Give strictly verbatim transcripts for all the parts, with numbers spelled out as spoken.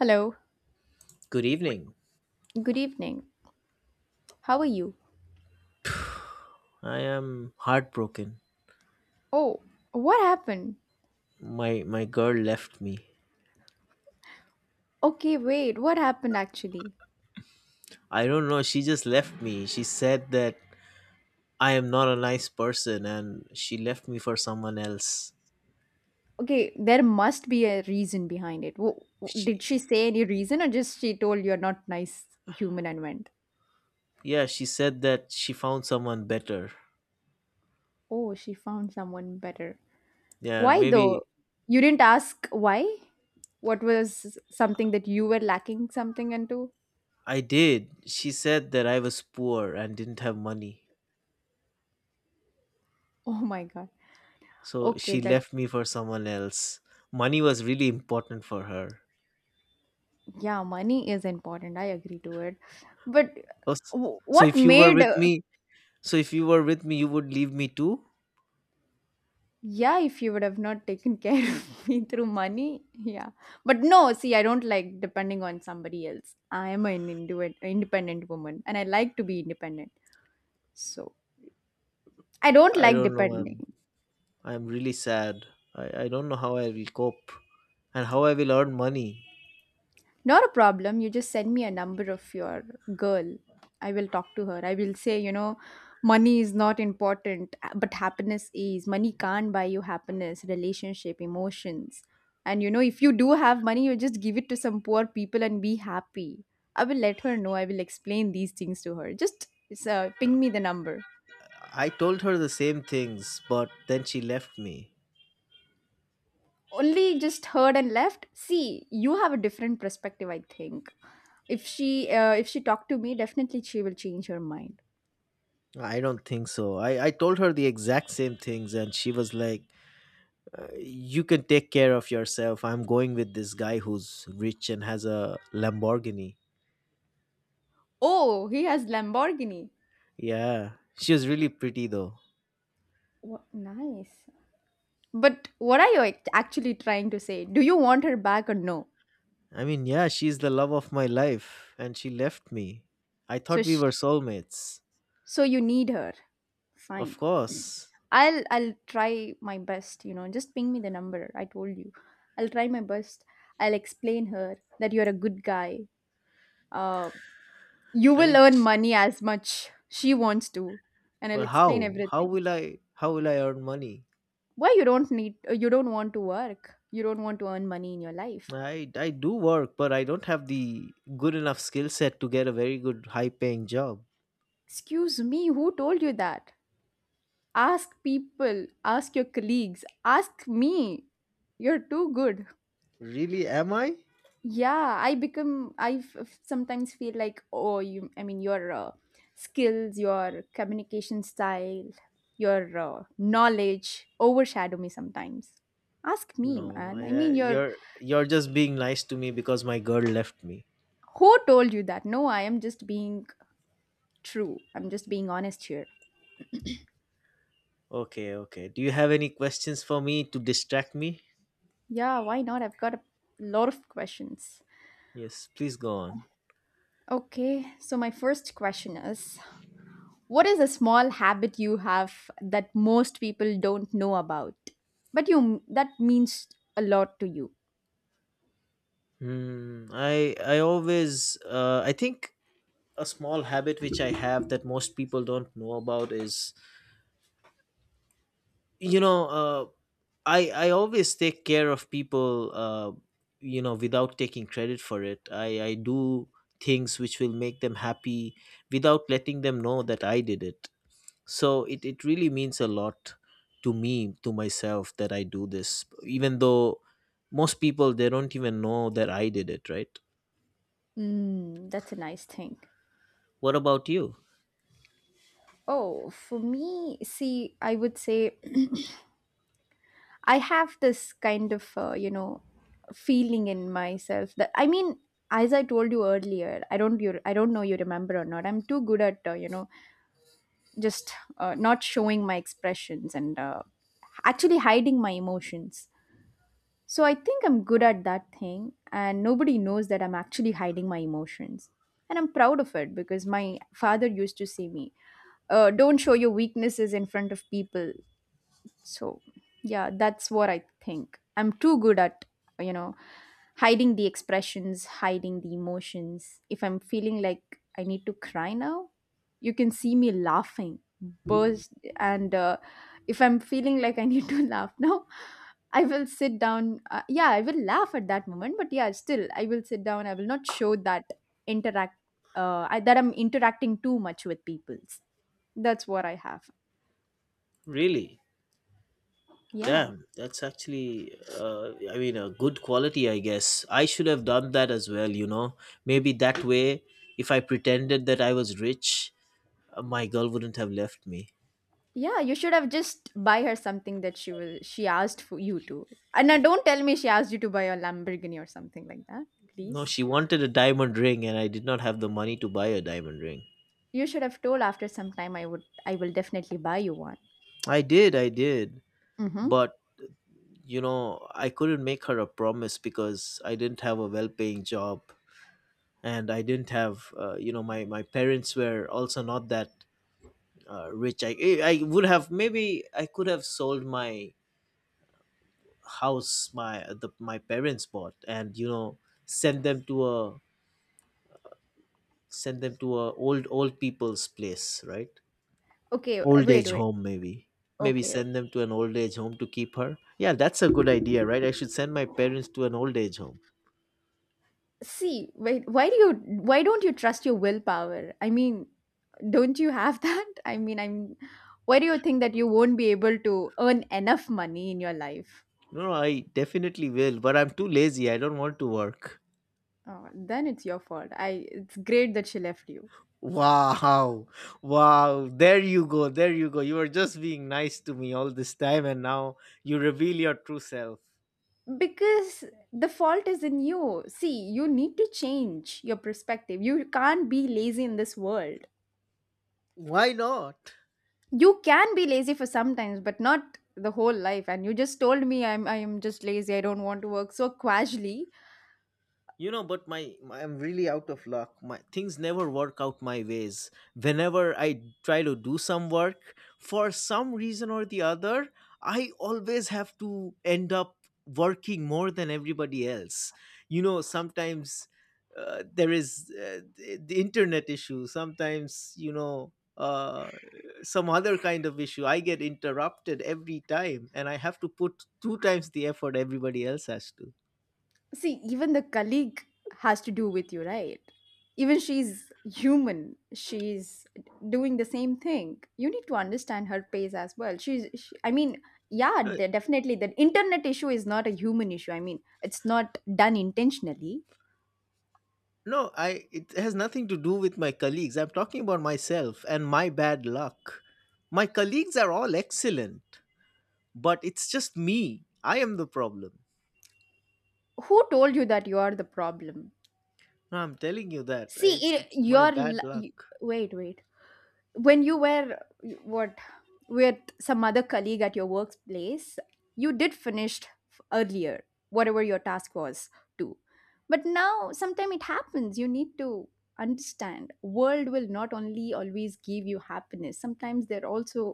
Hello. Good evening. Good evening. How are you? I am heartbroken. Oh, what happened? My my girl left me. Okay, wait. What happened actually? I don't know, she just left me. She said that I am not a nice person and she left me for someone else. Okay, there must be a reason behind it. Wh- wh- Did she She say any reason or just she told you're not nice human and went? Yeah, she said that she found someone better. Oh, she found someone better. Yeah, Why maybe though? You didn't ask why? What was something that you were lacking something into? I did. She said that I was poor and didn't have money. Oh my god. So Okay, she that's left me for someone else. Money was really important for her. yeah, money is important. I agree to it. But Oh, s- wh- So what if you were made with uh, me, so if you were with me, you would leave me too? Yeah, if you would have not taken care of me through money, yeah. But no, see, I don't like depending on somebody else. I am an indiv- independent woman and I like to be independent. So I don't I like don't know. I'm depending. I'm really sad. I, I don't know how I will cope and how I will earn money. Not a problem. You just send me a number of your girl. I will talk to her. I will say, you know, money is not important, uh, but happiness is. Money can't buy you happiness, relationship, emotions. And, you know, if you do have money, you just give it to some poor people and be happy. I will let her know. I will explain these things to her. Just uh, ping me the number. I told her the same things, but then she left me. Only just heard and left. See, you have a different perspective, I think. If she uh, if she talked to me, definitely she will change her mind. I don't think so. I, I told her the exact same things, and she was like, uh, you can take care of yourself. I'm going with this guy who's rich and has a Lamborghini. Oh, he has Lamborghini. Yeah, she was really pretty, though. What nice. But what are you act- actually trying to say? Do you want her back or no? I mean, yeah, she's the love of my life, and she left me. I So thought we sh- were soulmates. so you need her. Of Fine. course. I'll I'll try my best, you know. Just ping me the number. I told you. I'll try my best. I'll explain her that you're a good guy. Uh you I will mean, earn money as much she wants to and I'll but explain how? How everything. will I how will I earn money? Why you don't need you don't want to work. You don't want to earn money in your life. I I do work, but I don't have the good enough skill set to get a very good high paying job. Excuse me, who told you that? Ask people, ask your colleagues, ask me. You're too good. Really am I? Yeah, I become, I f- f- sometimes feel like, oh, you, I mean, your uh, skills, your communication style, your uh, knowledge overshadow me sometimes. Ask me, No, man. I, I uh, mean, you're, you're you're just being nice to me because my girl left me. who told you that? No, I am just being true. I'm just being honest here. Okay, okay. Do you have any questions for me to distract me? Yeah, why not? I've got a lot of questions. Yes, please go on. Okay, so my first question is, what is a small habit you have that most people don't know about? But you that means a lot to you. Hmm, I I always uh, I think a small habit which I have that most people don't know about is you know uh, i i always take care of people, uh, you know without taking credit for it. I i do things which will make them happy without letting them know that I did it. So it it really means a lot to me, to myself, that I do this even though most people, they don't even know that I did it, right? Mm, that's a nice thing. What about you? Oh, for me, see, I would say I have this kind of, uh, you know, feeling in myself that I mean, as I told you earlier, I don't you I don't know you remember or not. I'm too good at, uh, you know, just uh, not showing my expressions and uh, actually hiding my emotions. So I think I'm good at that thing, and nobody knows that I'm actually hiding my emotions. And I'm proud of it because my father used to say me, uh, "Don't show your weaknesses in front of people. So, yeah, that's what I think. I'm too good at, you know, hiding the expressions, hiding the emotions. If I'm feeling like I need to cry now, you can see me laughing, burst. And uh, if I'm feeling like I need to laugh now, I will sit down. Uh, yeah, I will laugh at that moment, but yeah, still, I will sit down. I will not show that interact uh, I, that I'm interacting too much with people. That's what I have. Really? Yeah. Damn, that's actually, uh, I mean, a good quality, I guess. I should have done that as well, you know. Maybe that way, if I pretended that I was rich, uh, my girl wouldn't have left me. Yeah, you should have just buy her something that she was she asked for you to. And now don't tell me she asked you to buy a Lamborghini or something like that, No, please. she wanted a diamond ring, and I did not have the money to buy a diamond ring. You should have told after some time I would I will definitely buy you one. I did, I did. Mm-hmm. But, you know, I couldn't make her a promise because I didn't have a well paying job. And I didn't have, uh, you know, my, my parents were also not that uh, rich. I, eh, I would have, maybe I could have sold my house my the my parents bought, and you know, send them to a send them to a old old people's place, right? Okay, Old wait, age wait. home maybe. Maybe Okay. send them to an old age home to keep her. Yeah, that's a good idea, right? I should send my parents to an old age home. See, wait, why do you why don't you trust your willpower? I mean, don't you have that? I mean, I'm Why do you think that you won't be able to earn enough money in your life? No, I definitely will, but I'm too lazy, I don't want to work. Oh, then it's your fault. I it's great that she left you. Wow. Wow. There you go. There you go. You were just being nice to me all this time and now you reveal your true self. Because the fault is in you, see, you need to change your perspective. You can't be lazy in this world. Why not? You can be lazy for sometimes but not the whole life, and you just told me i'm i'm just lazy, I don't want to work so casually. You know, but my, my, I'm really out of luck. My things never work out my ways. Whenever I try to do some work, for some reason or the other, I always have to end up working more than everybody else. You know, sometimes uh, there is, uh, the the internet issue sometimes, you know, uh, some other kind of issue. I get interrupted every time and I have to put two times the effort everybody else has to. See, even the colleague has to do with you, right? Even she's human. She's doing the same thing. You need to understand her pace as well. She's, she, I mean, yeah, No, de- definitely. The internet issue is not a human issue. I mean, it's not done intentionally. No, I, it has nothing to do with my colleagues. I'm talking about myself and my bad luck. My colleagues are all excellent, but it's just me. I am the problem. Who told you that you are the problem? No, I'm telling you that. See, It's i- it's my your bad li- you- luck. wait, wait. When you were what with some other colleague at your workplace, you did finished f- earlier whatever your task was too, but now sometime it happens. You need to understand world will not only always give you happiness, sometimes there also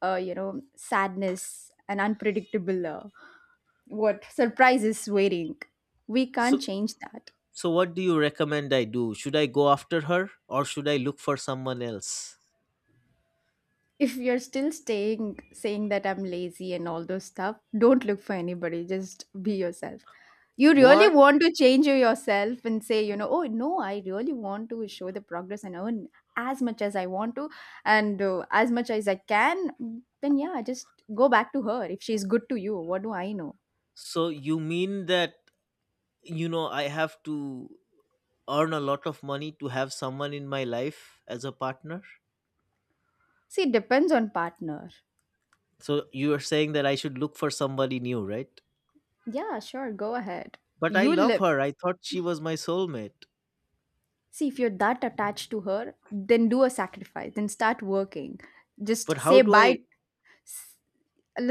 uh, you know sadness and unpredictable uh, what surprises waiting. We can't So change that. so what do you recommend I do? Should I go after her or should I look for someone else? If you're still staying saying that I'm lazy and all those stuff, don't look for anybody. Just be yourself. You really What? want to change yourself and say, you know, oh no, I really want to show the progress and earn as much as I want to and uh, as much as I can. Then yeah, just go back to her. If she's good to you, what do I know? So you mean that, you know, I have to earn a lot of money to have someone in my life as a partner? See, it depends on partner. So you are saying that I should look for somebody new, right? Yeah, sure, go ahead. But I You love live. her. I thought she was my soulmate. See, if you're that attached to her, then do a sacrifice. Then start working, But just how say do bye. I? S-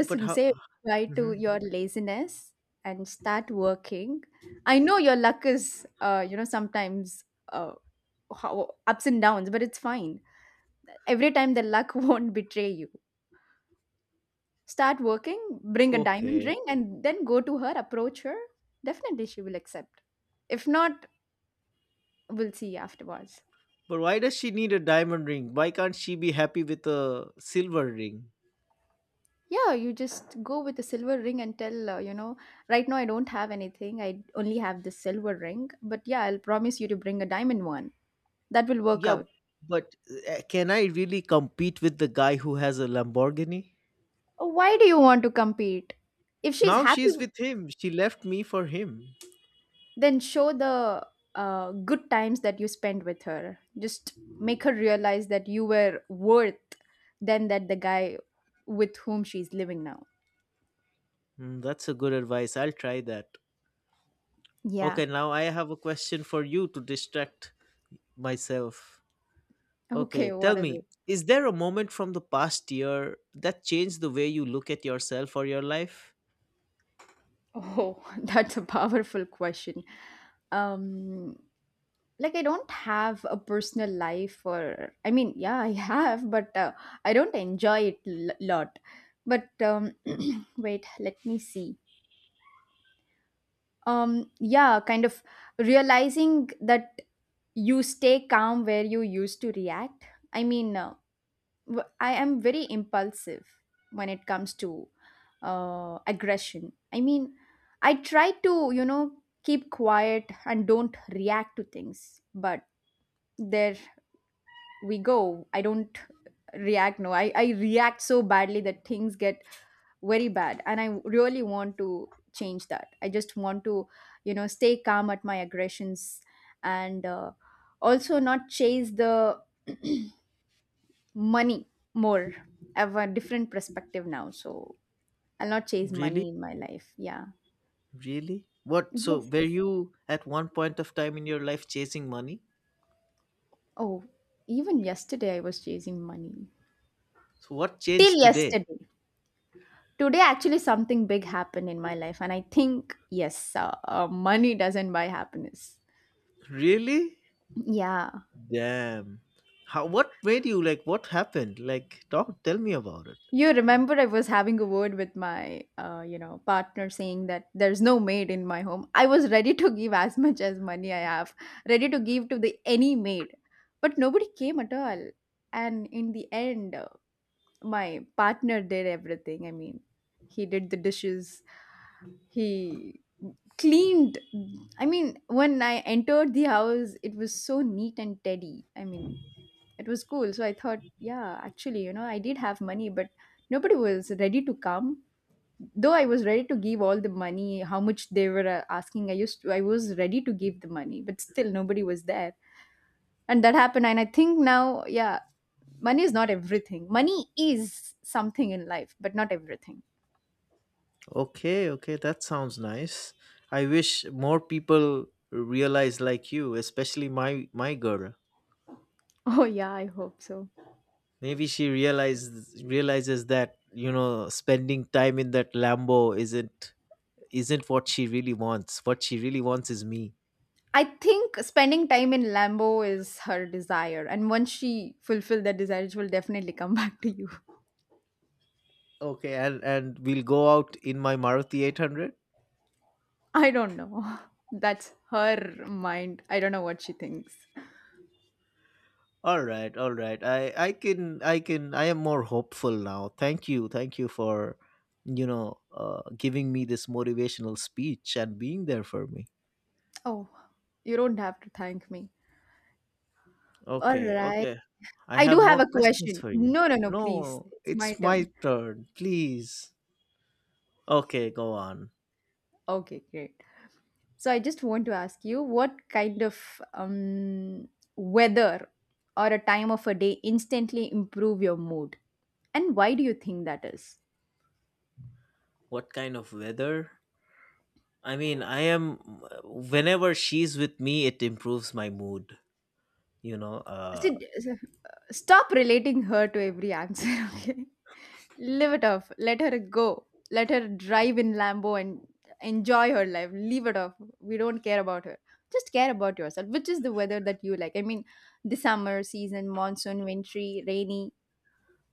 But how? say goodbye to Mhm. your laziness and start working. I know your luck is, uh, you know, sometimes uh, how, ups and downs, but it's fine. Every time the luck won't betray you. Start working, bring a diamond Okay. ring, and then go to her, approach her. Definitely, she will accept. If not, we'll see afterwards. But why does she need a diamond ring? Why can't she be happy with a silver ring? Yeah, you just go with the silver ring and tell, uh, you know, right now I don't have anything. I only have this silver ring. But yeah, I'll promise you to bring a diamond one. That will work Yeah, out. but uh, can I really compete with the guy who has a Lamborghini? Why do you want to compete? If she's Now happy, she's with him. She left me for him. then show the uh, good times that you spent with her. Just make her realize that you were worth than that the guy with whom she's living now. Hmm, that's a good advice. I'll try that. Yeah. Okay, now I have a question for you to distract myself. Okay, Okay, tell what is me, it? is there a moment from the past year that changed the way you look at yourself or your life? Oh, that's a powerful question. Um like, I don't have a personal life, or I mean, yeah, I have, but uh, I don't enjoy it a lot. But um wait, let me see. Um, yeah, kind of realizing that you stay calm where you used to react. I mean uh, w- I am very impulsive when it comes to uh, aggression. I mean, I try to, you know, keep quiet and don't react to things, but there we go. I don't react no I, I react so badly that things get very bad, and I really want to change that. I just want to, you know, stay calm at my aggressions, and uh, also not chase the money more. I have a different perspective now, so I'll not chase Really? money in my life, yeah. Really? What? So, were Yes. you at one point of time in your life chasing money? Oh, even yesterday I was chasing money. So, what Till changed today? yesterday. Today actually something big happened in my life, and I think yes, uh, uh, money doesn't buy happiness. Really? Yeah. Damn. How, what made you, like, what happened? Like, talk, tell me about it. You remember I was having a word with my, uh, you know, partner saying that there's no maid in my home. I was ready to give as much as money I have, ready to give to the any maid, but nobody came at all. And in the end, uh, my partner did everything. I mean, he did the dishes. He cleaned. I mean, when I entered the house, it was so neat and tidy. I mean, it was cool. So I thought, yeah, actually, you know, I did have money, but nobody was ready to come. Though I was ready to give all the money, how much they were uh, asking, I used to, I was ready to give the money, but still nobody was there. And that happened. And I think now, yeah, money is not everything. Money is something in life, but not everything. Okay, okay, that sounds nice. I wish more people realize like you, especially my my girl. Oh, yeah, I hope so. Maybe she realizes realizes that, you know, spending time in that Lambo isn't isn't what she really wants. What she really wants is me. I think spending time in Lambo is her desire. And once she fulfills that desire, she will definitely come back to you. Okay, and and we'll go out in my Maruti eight hundred. I don't know. That's her mind. I don't know what she thinks. All right, all right. I I can I can I am more hopeful now. Thank you, thank you for, you know uh, giving me this motivational speech and being there for me. Oh, you don't have to thank me. All Okay, right. okay. I I have do have more a questions question. for you. No, no, no, please. No, It's my it's my turn. turn. Please. Okay, go on. Okay, great. So I just want to ask you what kind of um, weather or a time of a day instantly improve your mood? And why do you think that is? What kind of weather? I mean, I am. Whenever she's with me, it improves my mood. You know, uh, Sid, stop relating her to every answer, okay? Live it off. Let her go. Let her drive in Lambo and enjoy her life. Leave it off. We don't care about her. Just care about yourself, which is the weather that you like. I mean, the summer season, monsoon, wintry, rainy.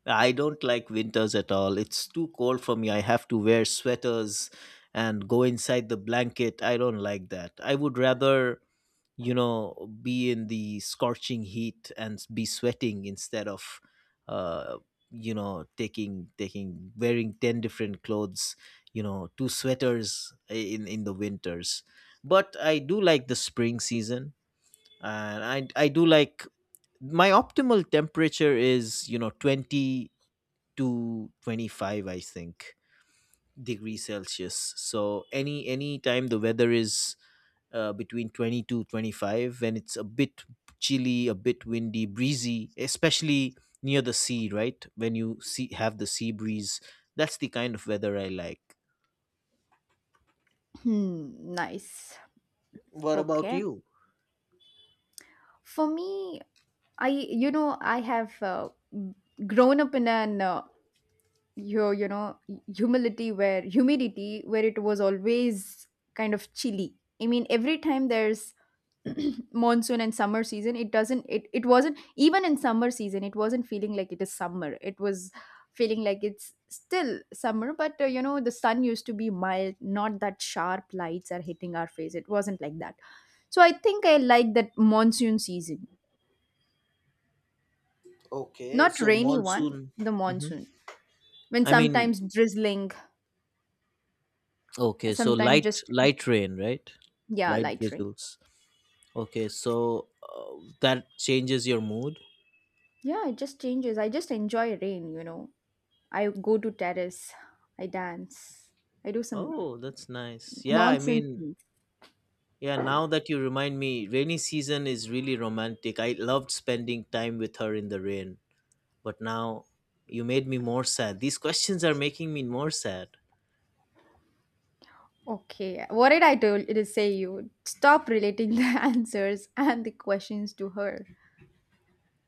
I don't like winters at all. It's too cold for me. I have to wear sweaters and go inside the blanket. I don't like that. I would rather, you know, be in the scorching heat and s- be sweating instead of uh you know, taking taking wearing ten different clothes, you know, two sweaters in in the winters. But I do like the spring season. And i i do like, my optimal temperature is, you know, twenty to twenty-five, I think, degrees Celsius. So any any time the weather is, uh, between twenty to twenty-five, when it's a bit chilly, a bit windy, breezy, especially near the sea, right? When you see, have the sea breeze, that's the kind of weather I like. Hmm, nice. What about Okay. you? For me, I you know I have uh, grown up in an uh, you you know humility where humidity where it was always kind of chilly. I mean, every time there's monsoon and summer season, it doesn't it, it wasn't even in summer season, it wasn't feeling like it is summer, it was feeling like it's still summer, but uh, you know, the sun used to be mild, not that sharp lights are hitting our face, it wasn't like that. So I think I like that monsoon season, Okay, not so rainy one, monsoon. the Hmm. monsoon, when I mean, sometimes drizzling, okay, so sometimes light, just light rain, right? yeah, Light light rain. drizzles. Okay, so uh, that changes your mood. Yeah, it just changes, I just enjoy rain, you know. I go to terrace, I dance, I do some Oh, that's nice. Yeah, I nonsense mean, means. yeah, now that you remind me, rainy season is really romantic. I loved spending time with her in the rain, but now you made me more sad. These questions are making me more sad. Okay, what did I told to say you? Stop relating the answers and the questions to her.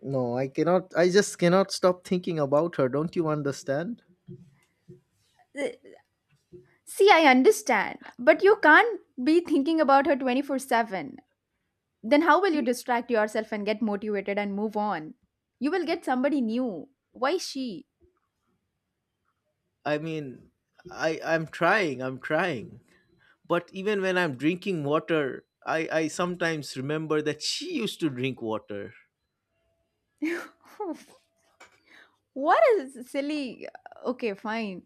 No, I cannot. I just cannot stop thinking about her. Don't you understand? Uh, See, I understand, but you can't be thinking about her twenty four seven. Then how will you See, distract yourself and get motivated and move on? You will get somebody new. Why she? I mean, I I'm trying, I'm trying. But even when I'm drinking water, I I sometimes remember that she used to drink water. Oof. What is silly? Okay, fine.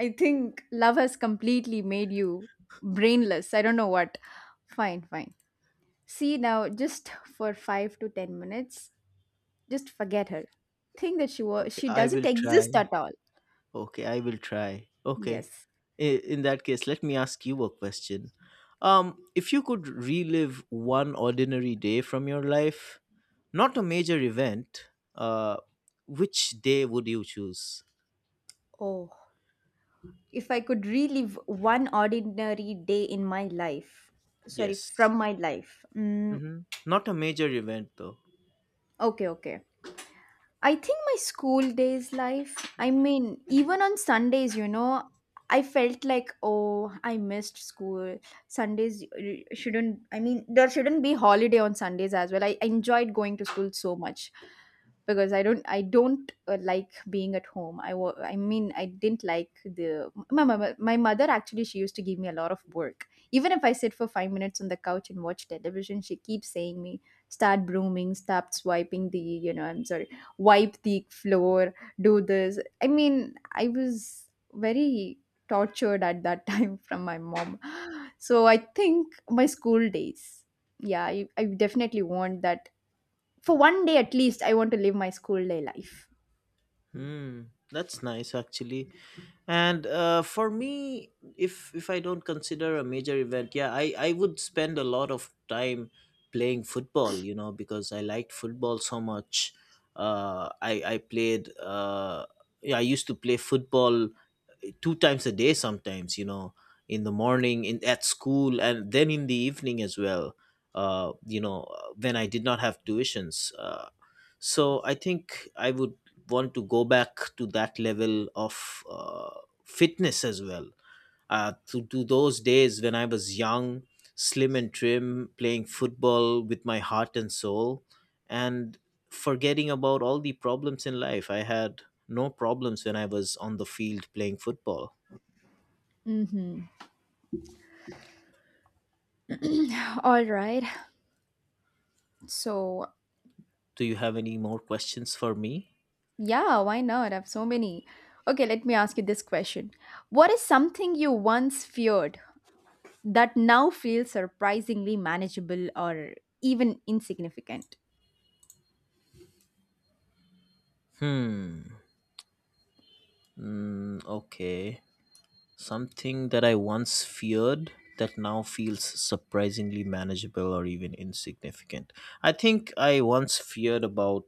I think love has completely made you brainless. I don't know what. Fine, fine. See now, just for five to ten minutes, just forget her. Think that she was Okay, she I doesn't will exist try. at all. Okay, I will try. Okay. Yes. I- In that case, let me ask you a question. Um, if you could relive one ordinary day from your life, not a major event, uh, which day would you choose? Oh, if I could relive one ordinary day in my life, sorry, Yes. from my life. Mm, Mm-hmm. Not a major event, though. okay, okay. I think my school days life, I mean, even on Sundays, you know, I felt like, oh, I missed school. Sundays uh, shouldn't, I mean, there shouldn't be holiday on Sundays as well. I, I enjoyed going to school so much because I don't, I don't uh, like being at home. I, wa- I mean, I didn't like the, my, my, my mother actually, she used to give me a lot of work. Even if I sit for five minutes on the couch and watch television, she keeps saying me, start brooming, start swiping the, you know, I'm sorry, wipe the floor, do this. I mean, I was very tortured at that time from my mom. So I think my school days. Yeah, I, I definitely want that. For one day at least, I want to live my school day life. Hmm, that's nice actually. And uh, for me, if if I don't consider a major event, yeah, I I would spend a lot of time playing football. You know, because I liked football so much. Uh, I I played. Uh, yeah, I used to play football, eh, two times a day sometimes, you know, in the morning, in at school, and then in the evening as well, uh, you know, when I did not have tuitions. Uh, so I think I would want to go back to that level of, uh, fitness as well, uh, to, to those days when I was young, slim and trim, playing football with my heart and soul, and forgetting about all the problems in life. I had no problems when I was on the field playing football. Mm-hmm. All right. So, Do you have any more questions for me? yeah, why not? I have so many. Okay, let me ask you this question. What is something you once feared that now feels surprisingly manageable or even insignificant? Hmm. Mm, okay. Something that I once feared that now feels surprisingly manageable or even insignificant. I think I once feared about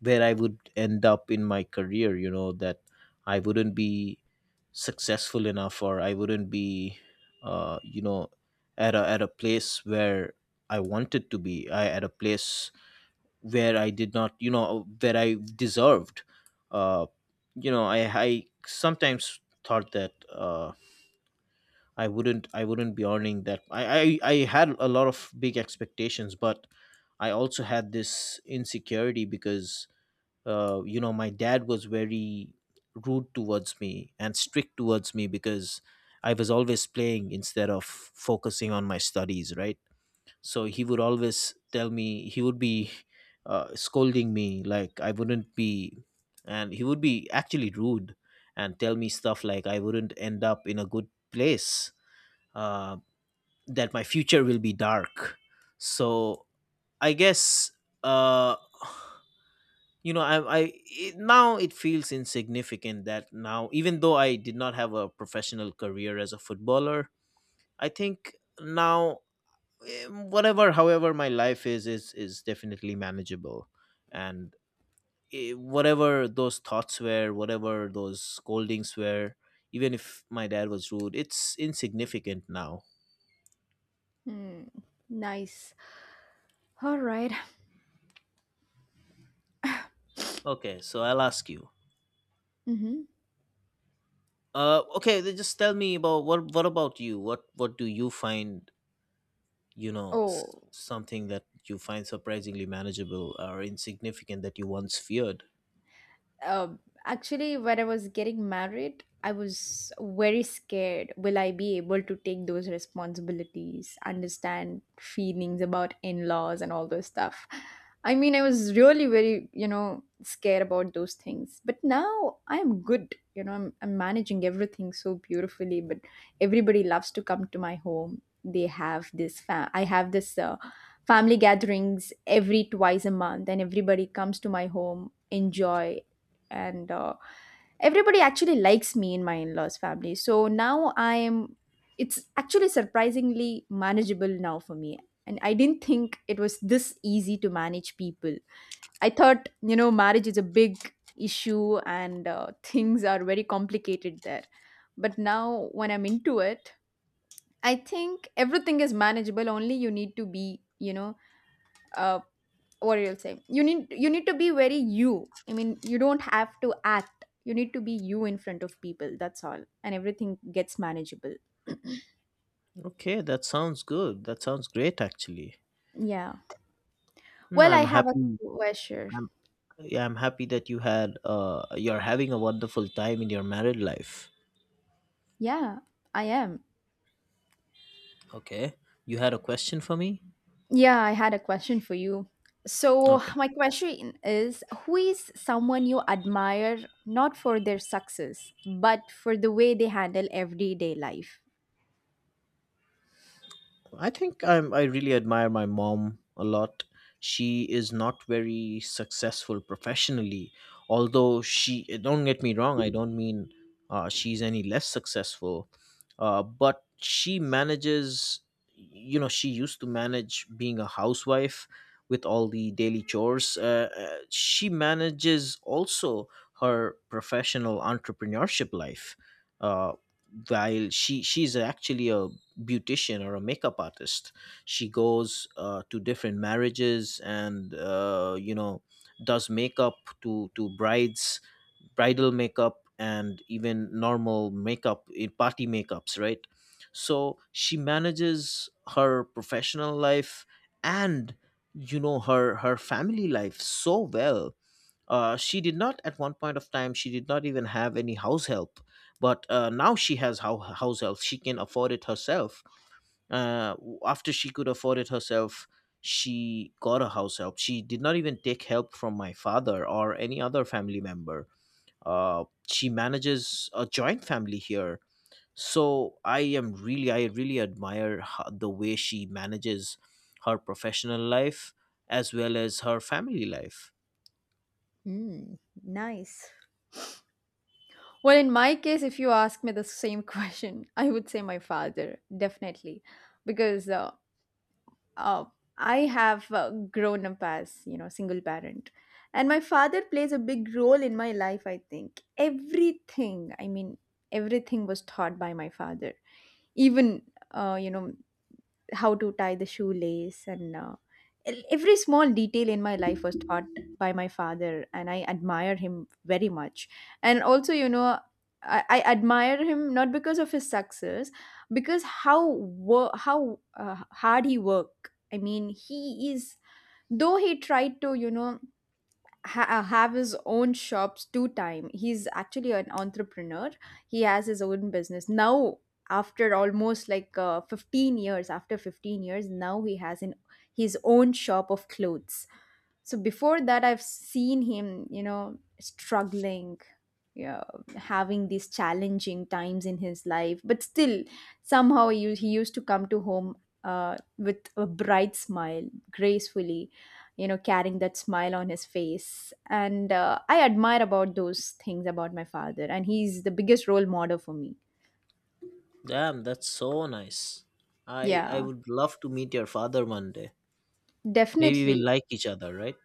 where I would end up in my career, you know, that I wouldn't be successful enough, or I wouldn't be, uh, you know, at a, at a place where I wanted to be, I, at a place where I did not, you know, where I deserved. Uh, you know, I, I sometimes thought that, uh, I wouldn't I wouldn't be earning that. I, I, I had a lot of big expectations, but I also had this insecurity because uh, you know, my dad was very rude towards me and strict towards me because I was always playing instead of focusing on my studies, right? So he would always tell me, he would be uh, scolding me like I wouldn't be, and he would be actually rude and tell me stuff like I wouldn't end up in a good place, uh, that my future will be dark. So I guess uh you know i i it, now it feels insignificant that now, even though I did not have a professional career as a footballer, I think now, eh, whatever, however my life is, is is definitely manageable. And eh, whatever those thoughts were, whatever those scoldings were, even if my dad was rude, it's insignificant now. Hmm. Nice. All right. Okay, so I'll ask you. Mm-hmm. Uh okay, then just tell me about what what about you, what what do you find, you know, s- Oh, something that you find surprisingly manageable or insignificant that you once feared? um, actually when I was getting married, I was very scared, will I be able to take those responsibilities, understand feelings about in-laws and all those stuff. I mean, I was really very, you know, scared about those things, but now I'm good, you know. i'm, I'm managing everything so beautifully, but everybody loves to come to my home. They have this fa- I have this uh, family gatherings every twice a month and everybody comes to my home enjoy. And uh, everybody actually likes me in my in-laws family, so now I am, it's actually surprisingly manageable now for me, and I didn't think it was this easy to manage people. I thought, you know, marriage is a big issue and uh, things are very complicated there, but now when I'm into it, I think everything is manageable, only you need to be, you know, uh, what you'll say, you need you need to be very you. I mean, you don't have to act, you need to be you in front of people, that's all, and everything gets manageable. Okay, that sounds good, that sounds great actually. Yeah, Hmm, well, I I'm have a happy. question. I'm Yeah, I'm happy that you had uh you're having a wonderful time in your married life. Yeah, I am. Okay, you had a question for me. Yeah, I had a question for you. So Okay. my question is, who is someone you admire, not for their success, but for the way they handle everyday life? I think I'm, I really admire my mom a lot. She is not very successful professionally, although she, don't get me wrong, I don't mean uh, she's any less successful, uh, but she manages, you know, she used to manage being a housewife with all the daily chores. Uh, uh, she manages also her professional entrepreneurship life. Uh, while she she's actually a beautician or a makeup artist, she goes uh, to different marriages and uh, you know, does makeup to to brides, bridal makeup and even normal makeup, eh, party makeups, right? So she manages her professional life and, you know, her her family life so well. Uh, she did not, at one point of time she did not even have any house help, but uh, now she has how house help, she can afford it herself. uh, After she could afford it herself, she got a house help. She did not even take help from my father or any other family member. Uh, she manages a joint family here. So I am really, I really admire ho- the way she manages her professional life as well as her family life. Mm, nice. Well, in my case, if you ask me the same question, I would say my father, definitely, because uh, uh, I have uh, grown up as you know single parent, and my father plays a big role in my life. I think everything, I mean, everything was taught by my father. Even uh, you know, how to tie the shoelace and uh, el- every small detail in my life was taught by my father, and I admire him very much. And also, you know, i, I admire him not because of his success, because how wo- how uh, hard he worked. I mean, he is, though he tried to, you know, ha- uh, have his own shops two time. He's actually an entrepreneur. He has his own business now after almost like uh, fifteen years. After fifteen years now he has an his own shop of clothes. So before that, I've seen him, you know, struggling, you know, having these challenging times in his life, but still somehow you, he used to come to home uh, with a bright smile, gracefully, you know, carrying that smile on his face. And uh, I admire about those things about my father, and he's the biggest role model for me. Damn, that's so nice. I I Yeah, would love to meet your father one day. Maybe we'll definitely. like each other, right?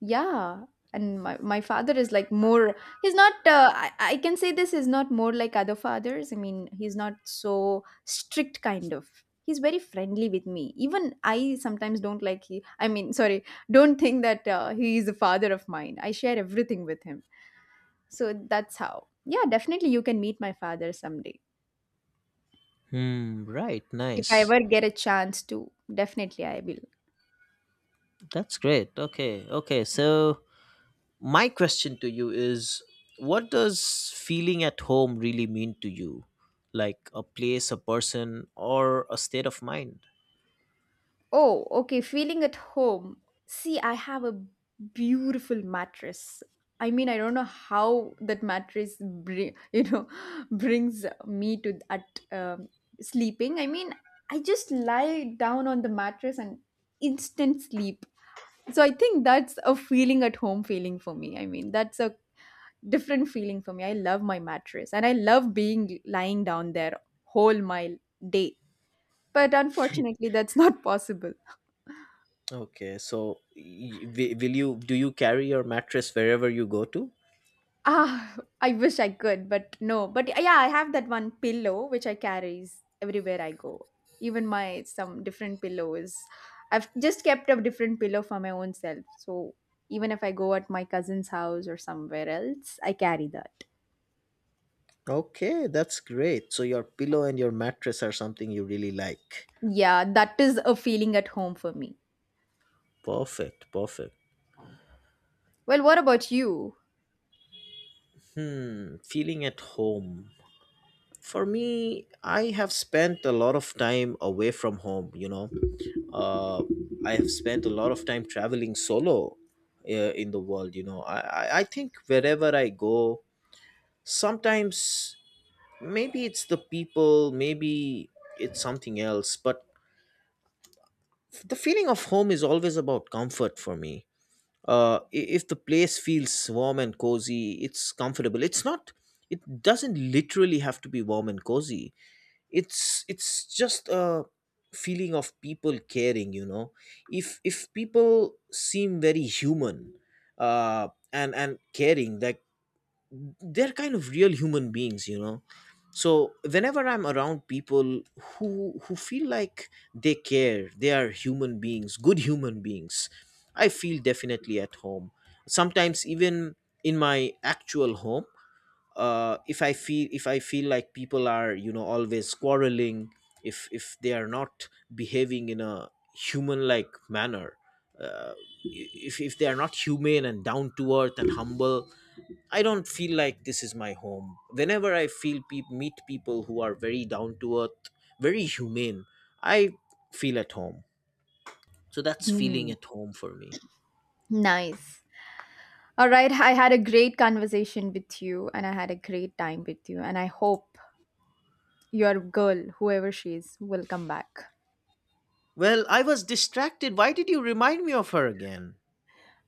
Yeah, and my, my father is like more, he's not, uh, I, I can say this is not more like other fathers. I mean, he's not so strict, kind of. He's very friendly with me. Even I sometimes don't like he, I mean, sorry, don't think that uh, he is a father of mine. I share everything with him. So that's how. Yeah, definitely you can meet my father someday. Hmm, right, If I nice. ever get a chance to, definitely I will. That's great. Okay. Okay. So, my question to you is, what does feeling at home really mean to you? Like a place, a person, or a state of mind? Oh, okay. Feeling at home. See, I have a beautiful mattress. I mean, I don't know how that mattress, bring, you know, brings me to at um, sleeping. I mean, I just lie down on the mattress and instant sleep. So I think that's a feeling at home feeling for me. I mean, that's a different feeling for me. I love my mattress and I love being lying down there whole my day. But unfortunately, that's not possible. Okay. So, y- wi- will you, do you carry your mattress wherever you go to? Ah, I wish I could, but no. But yeah, I have that one pillow which I carries everywhere I go. Even my some different pillows. I've just kept a different pillow for my own self. So even if I go at my cousin's house or somewhere else, I carry that. Okay, that's great. So your pillow and your mattress are something you really like. Yeah, that is a feeling at home for me. Perfect, perfect. Well, what about you? Hmm, feeling at home. For me, I have spent a lot of time away from home, you know. uh, I have spent a lot of time traveling solo uh, in the world. You know, I, I I think wherever I go, sometimes maybe it's the people, maybe it's something else, but f- the feeling of home is always about comfort for me. Uh, i- if the place feels warm and cozy, it's comfortable. It's not. It doesn't literally have to be warm and cozy, it's it's just a feeling of people caring, you know. if if people seem very human, uh and and caring, like they're kind of real human beings, you know. So whenever I'm around people who who feel like they care, they are human beings, good human beings, I feel definitely at home. Sometimes even in my actual home, uh, if I feel if I feel like people are, you know, always quarreling, if if they are not behaving in a human like manner, uh, if if they are not humane and down to earth and humble, I don't feel like this is my home. Whenever I feel peop meet people who are very down to earth, very humane, I feel at home. So that's feeling Hmm. at home for me. Nice. All right, I had a great conversation with you and I had a great time with you, and I hope your girl, whoever she is, will come back. Well, I was distracted. Why did you remind me of her again?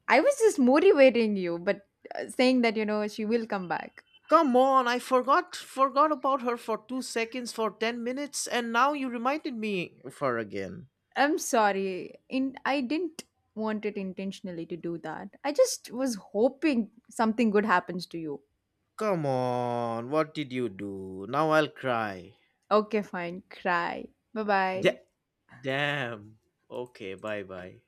I was just motivating you, but uh, saying that, you know, she will come back. Come on, I forgot forgot about her for two seconds, for ten minutes, and now you reminded me of her again. I'm sorry. In I didn't want it intentionally to do that. I just was hoping something good happens to you. Come on, what did you do? Now I'll cry. Okay, fine. Cry. Bye bye. Da- Damn. Okay, bye-bye.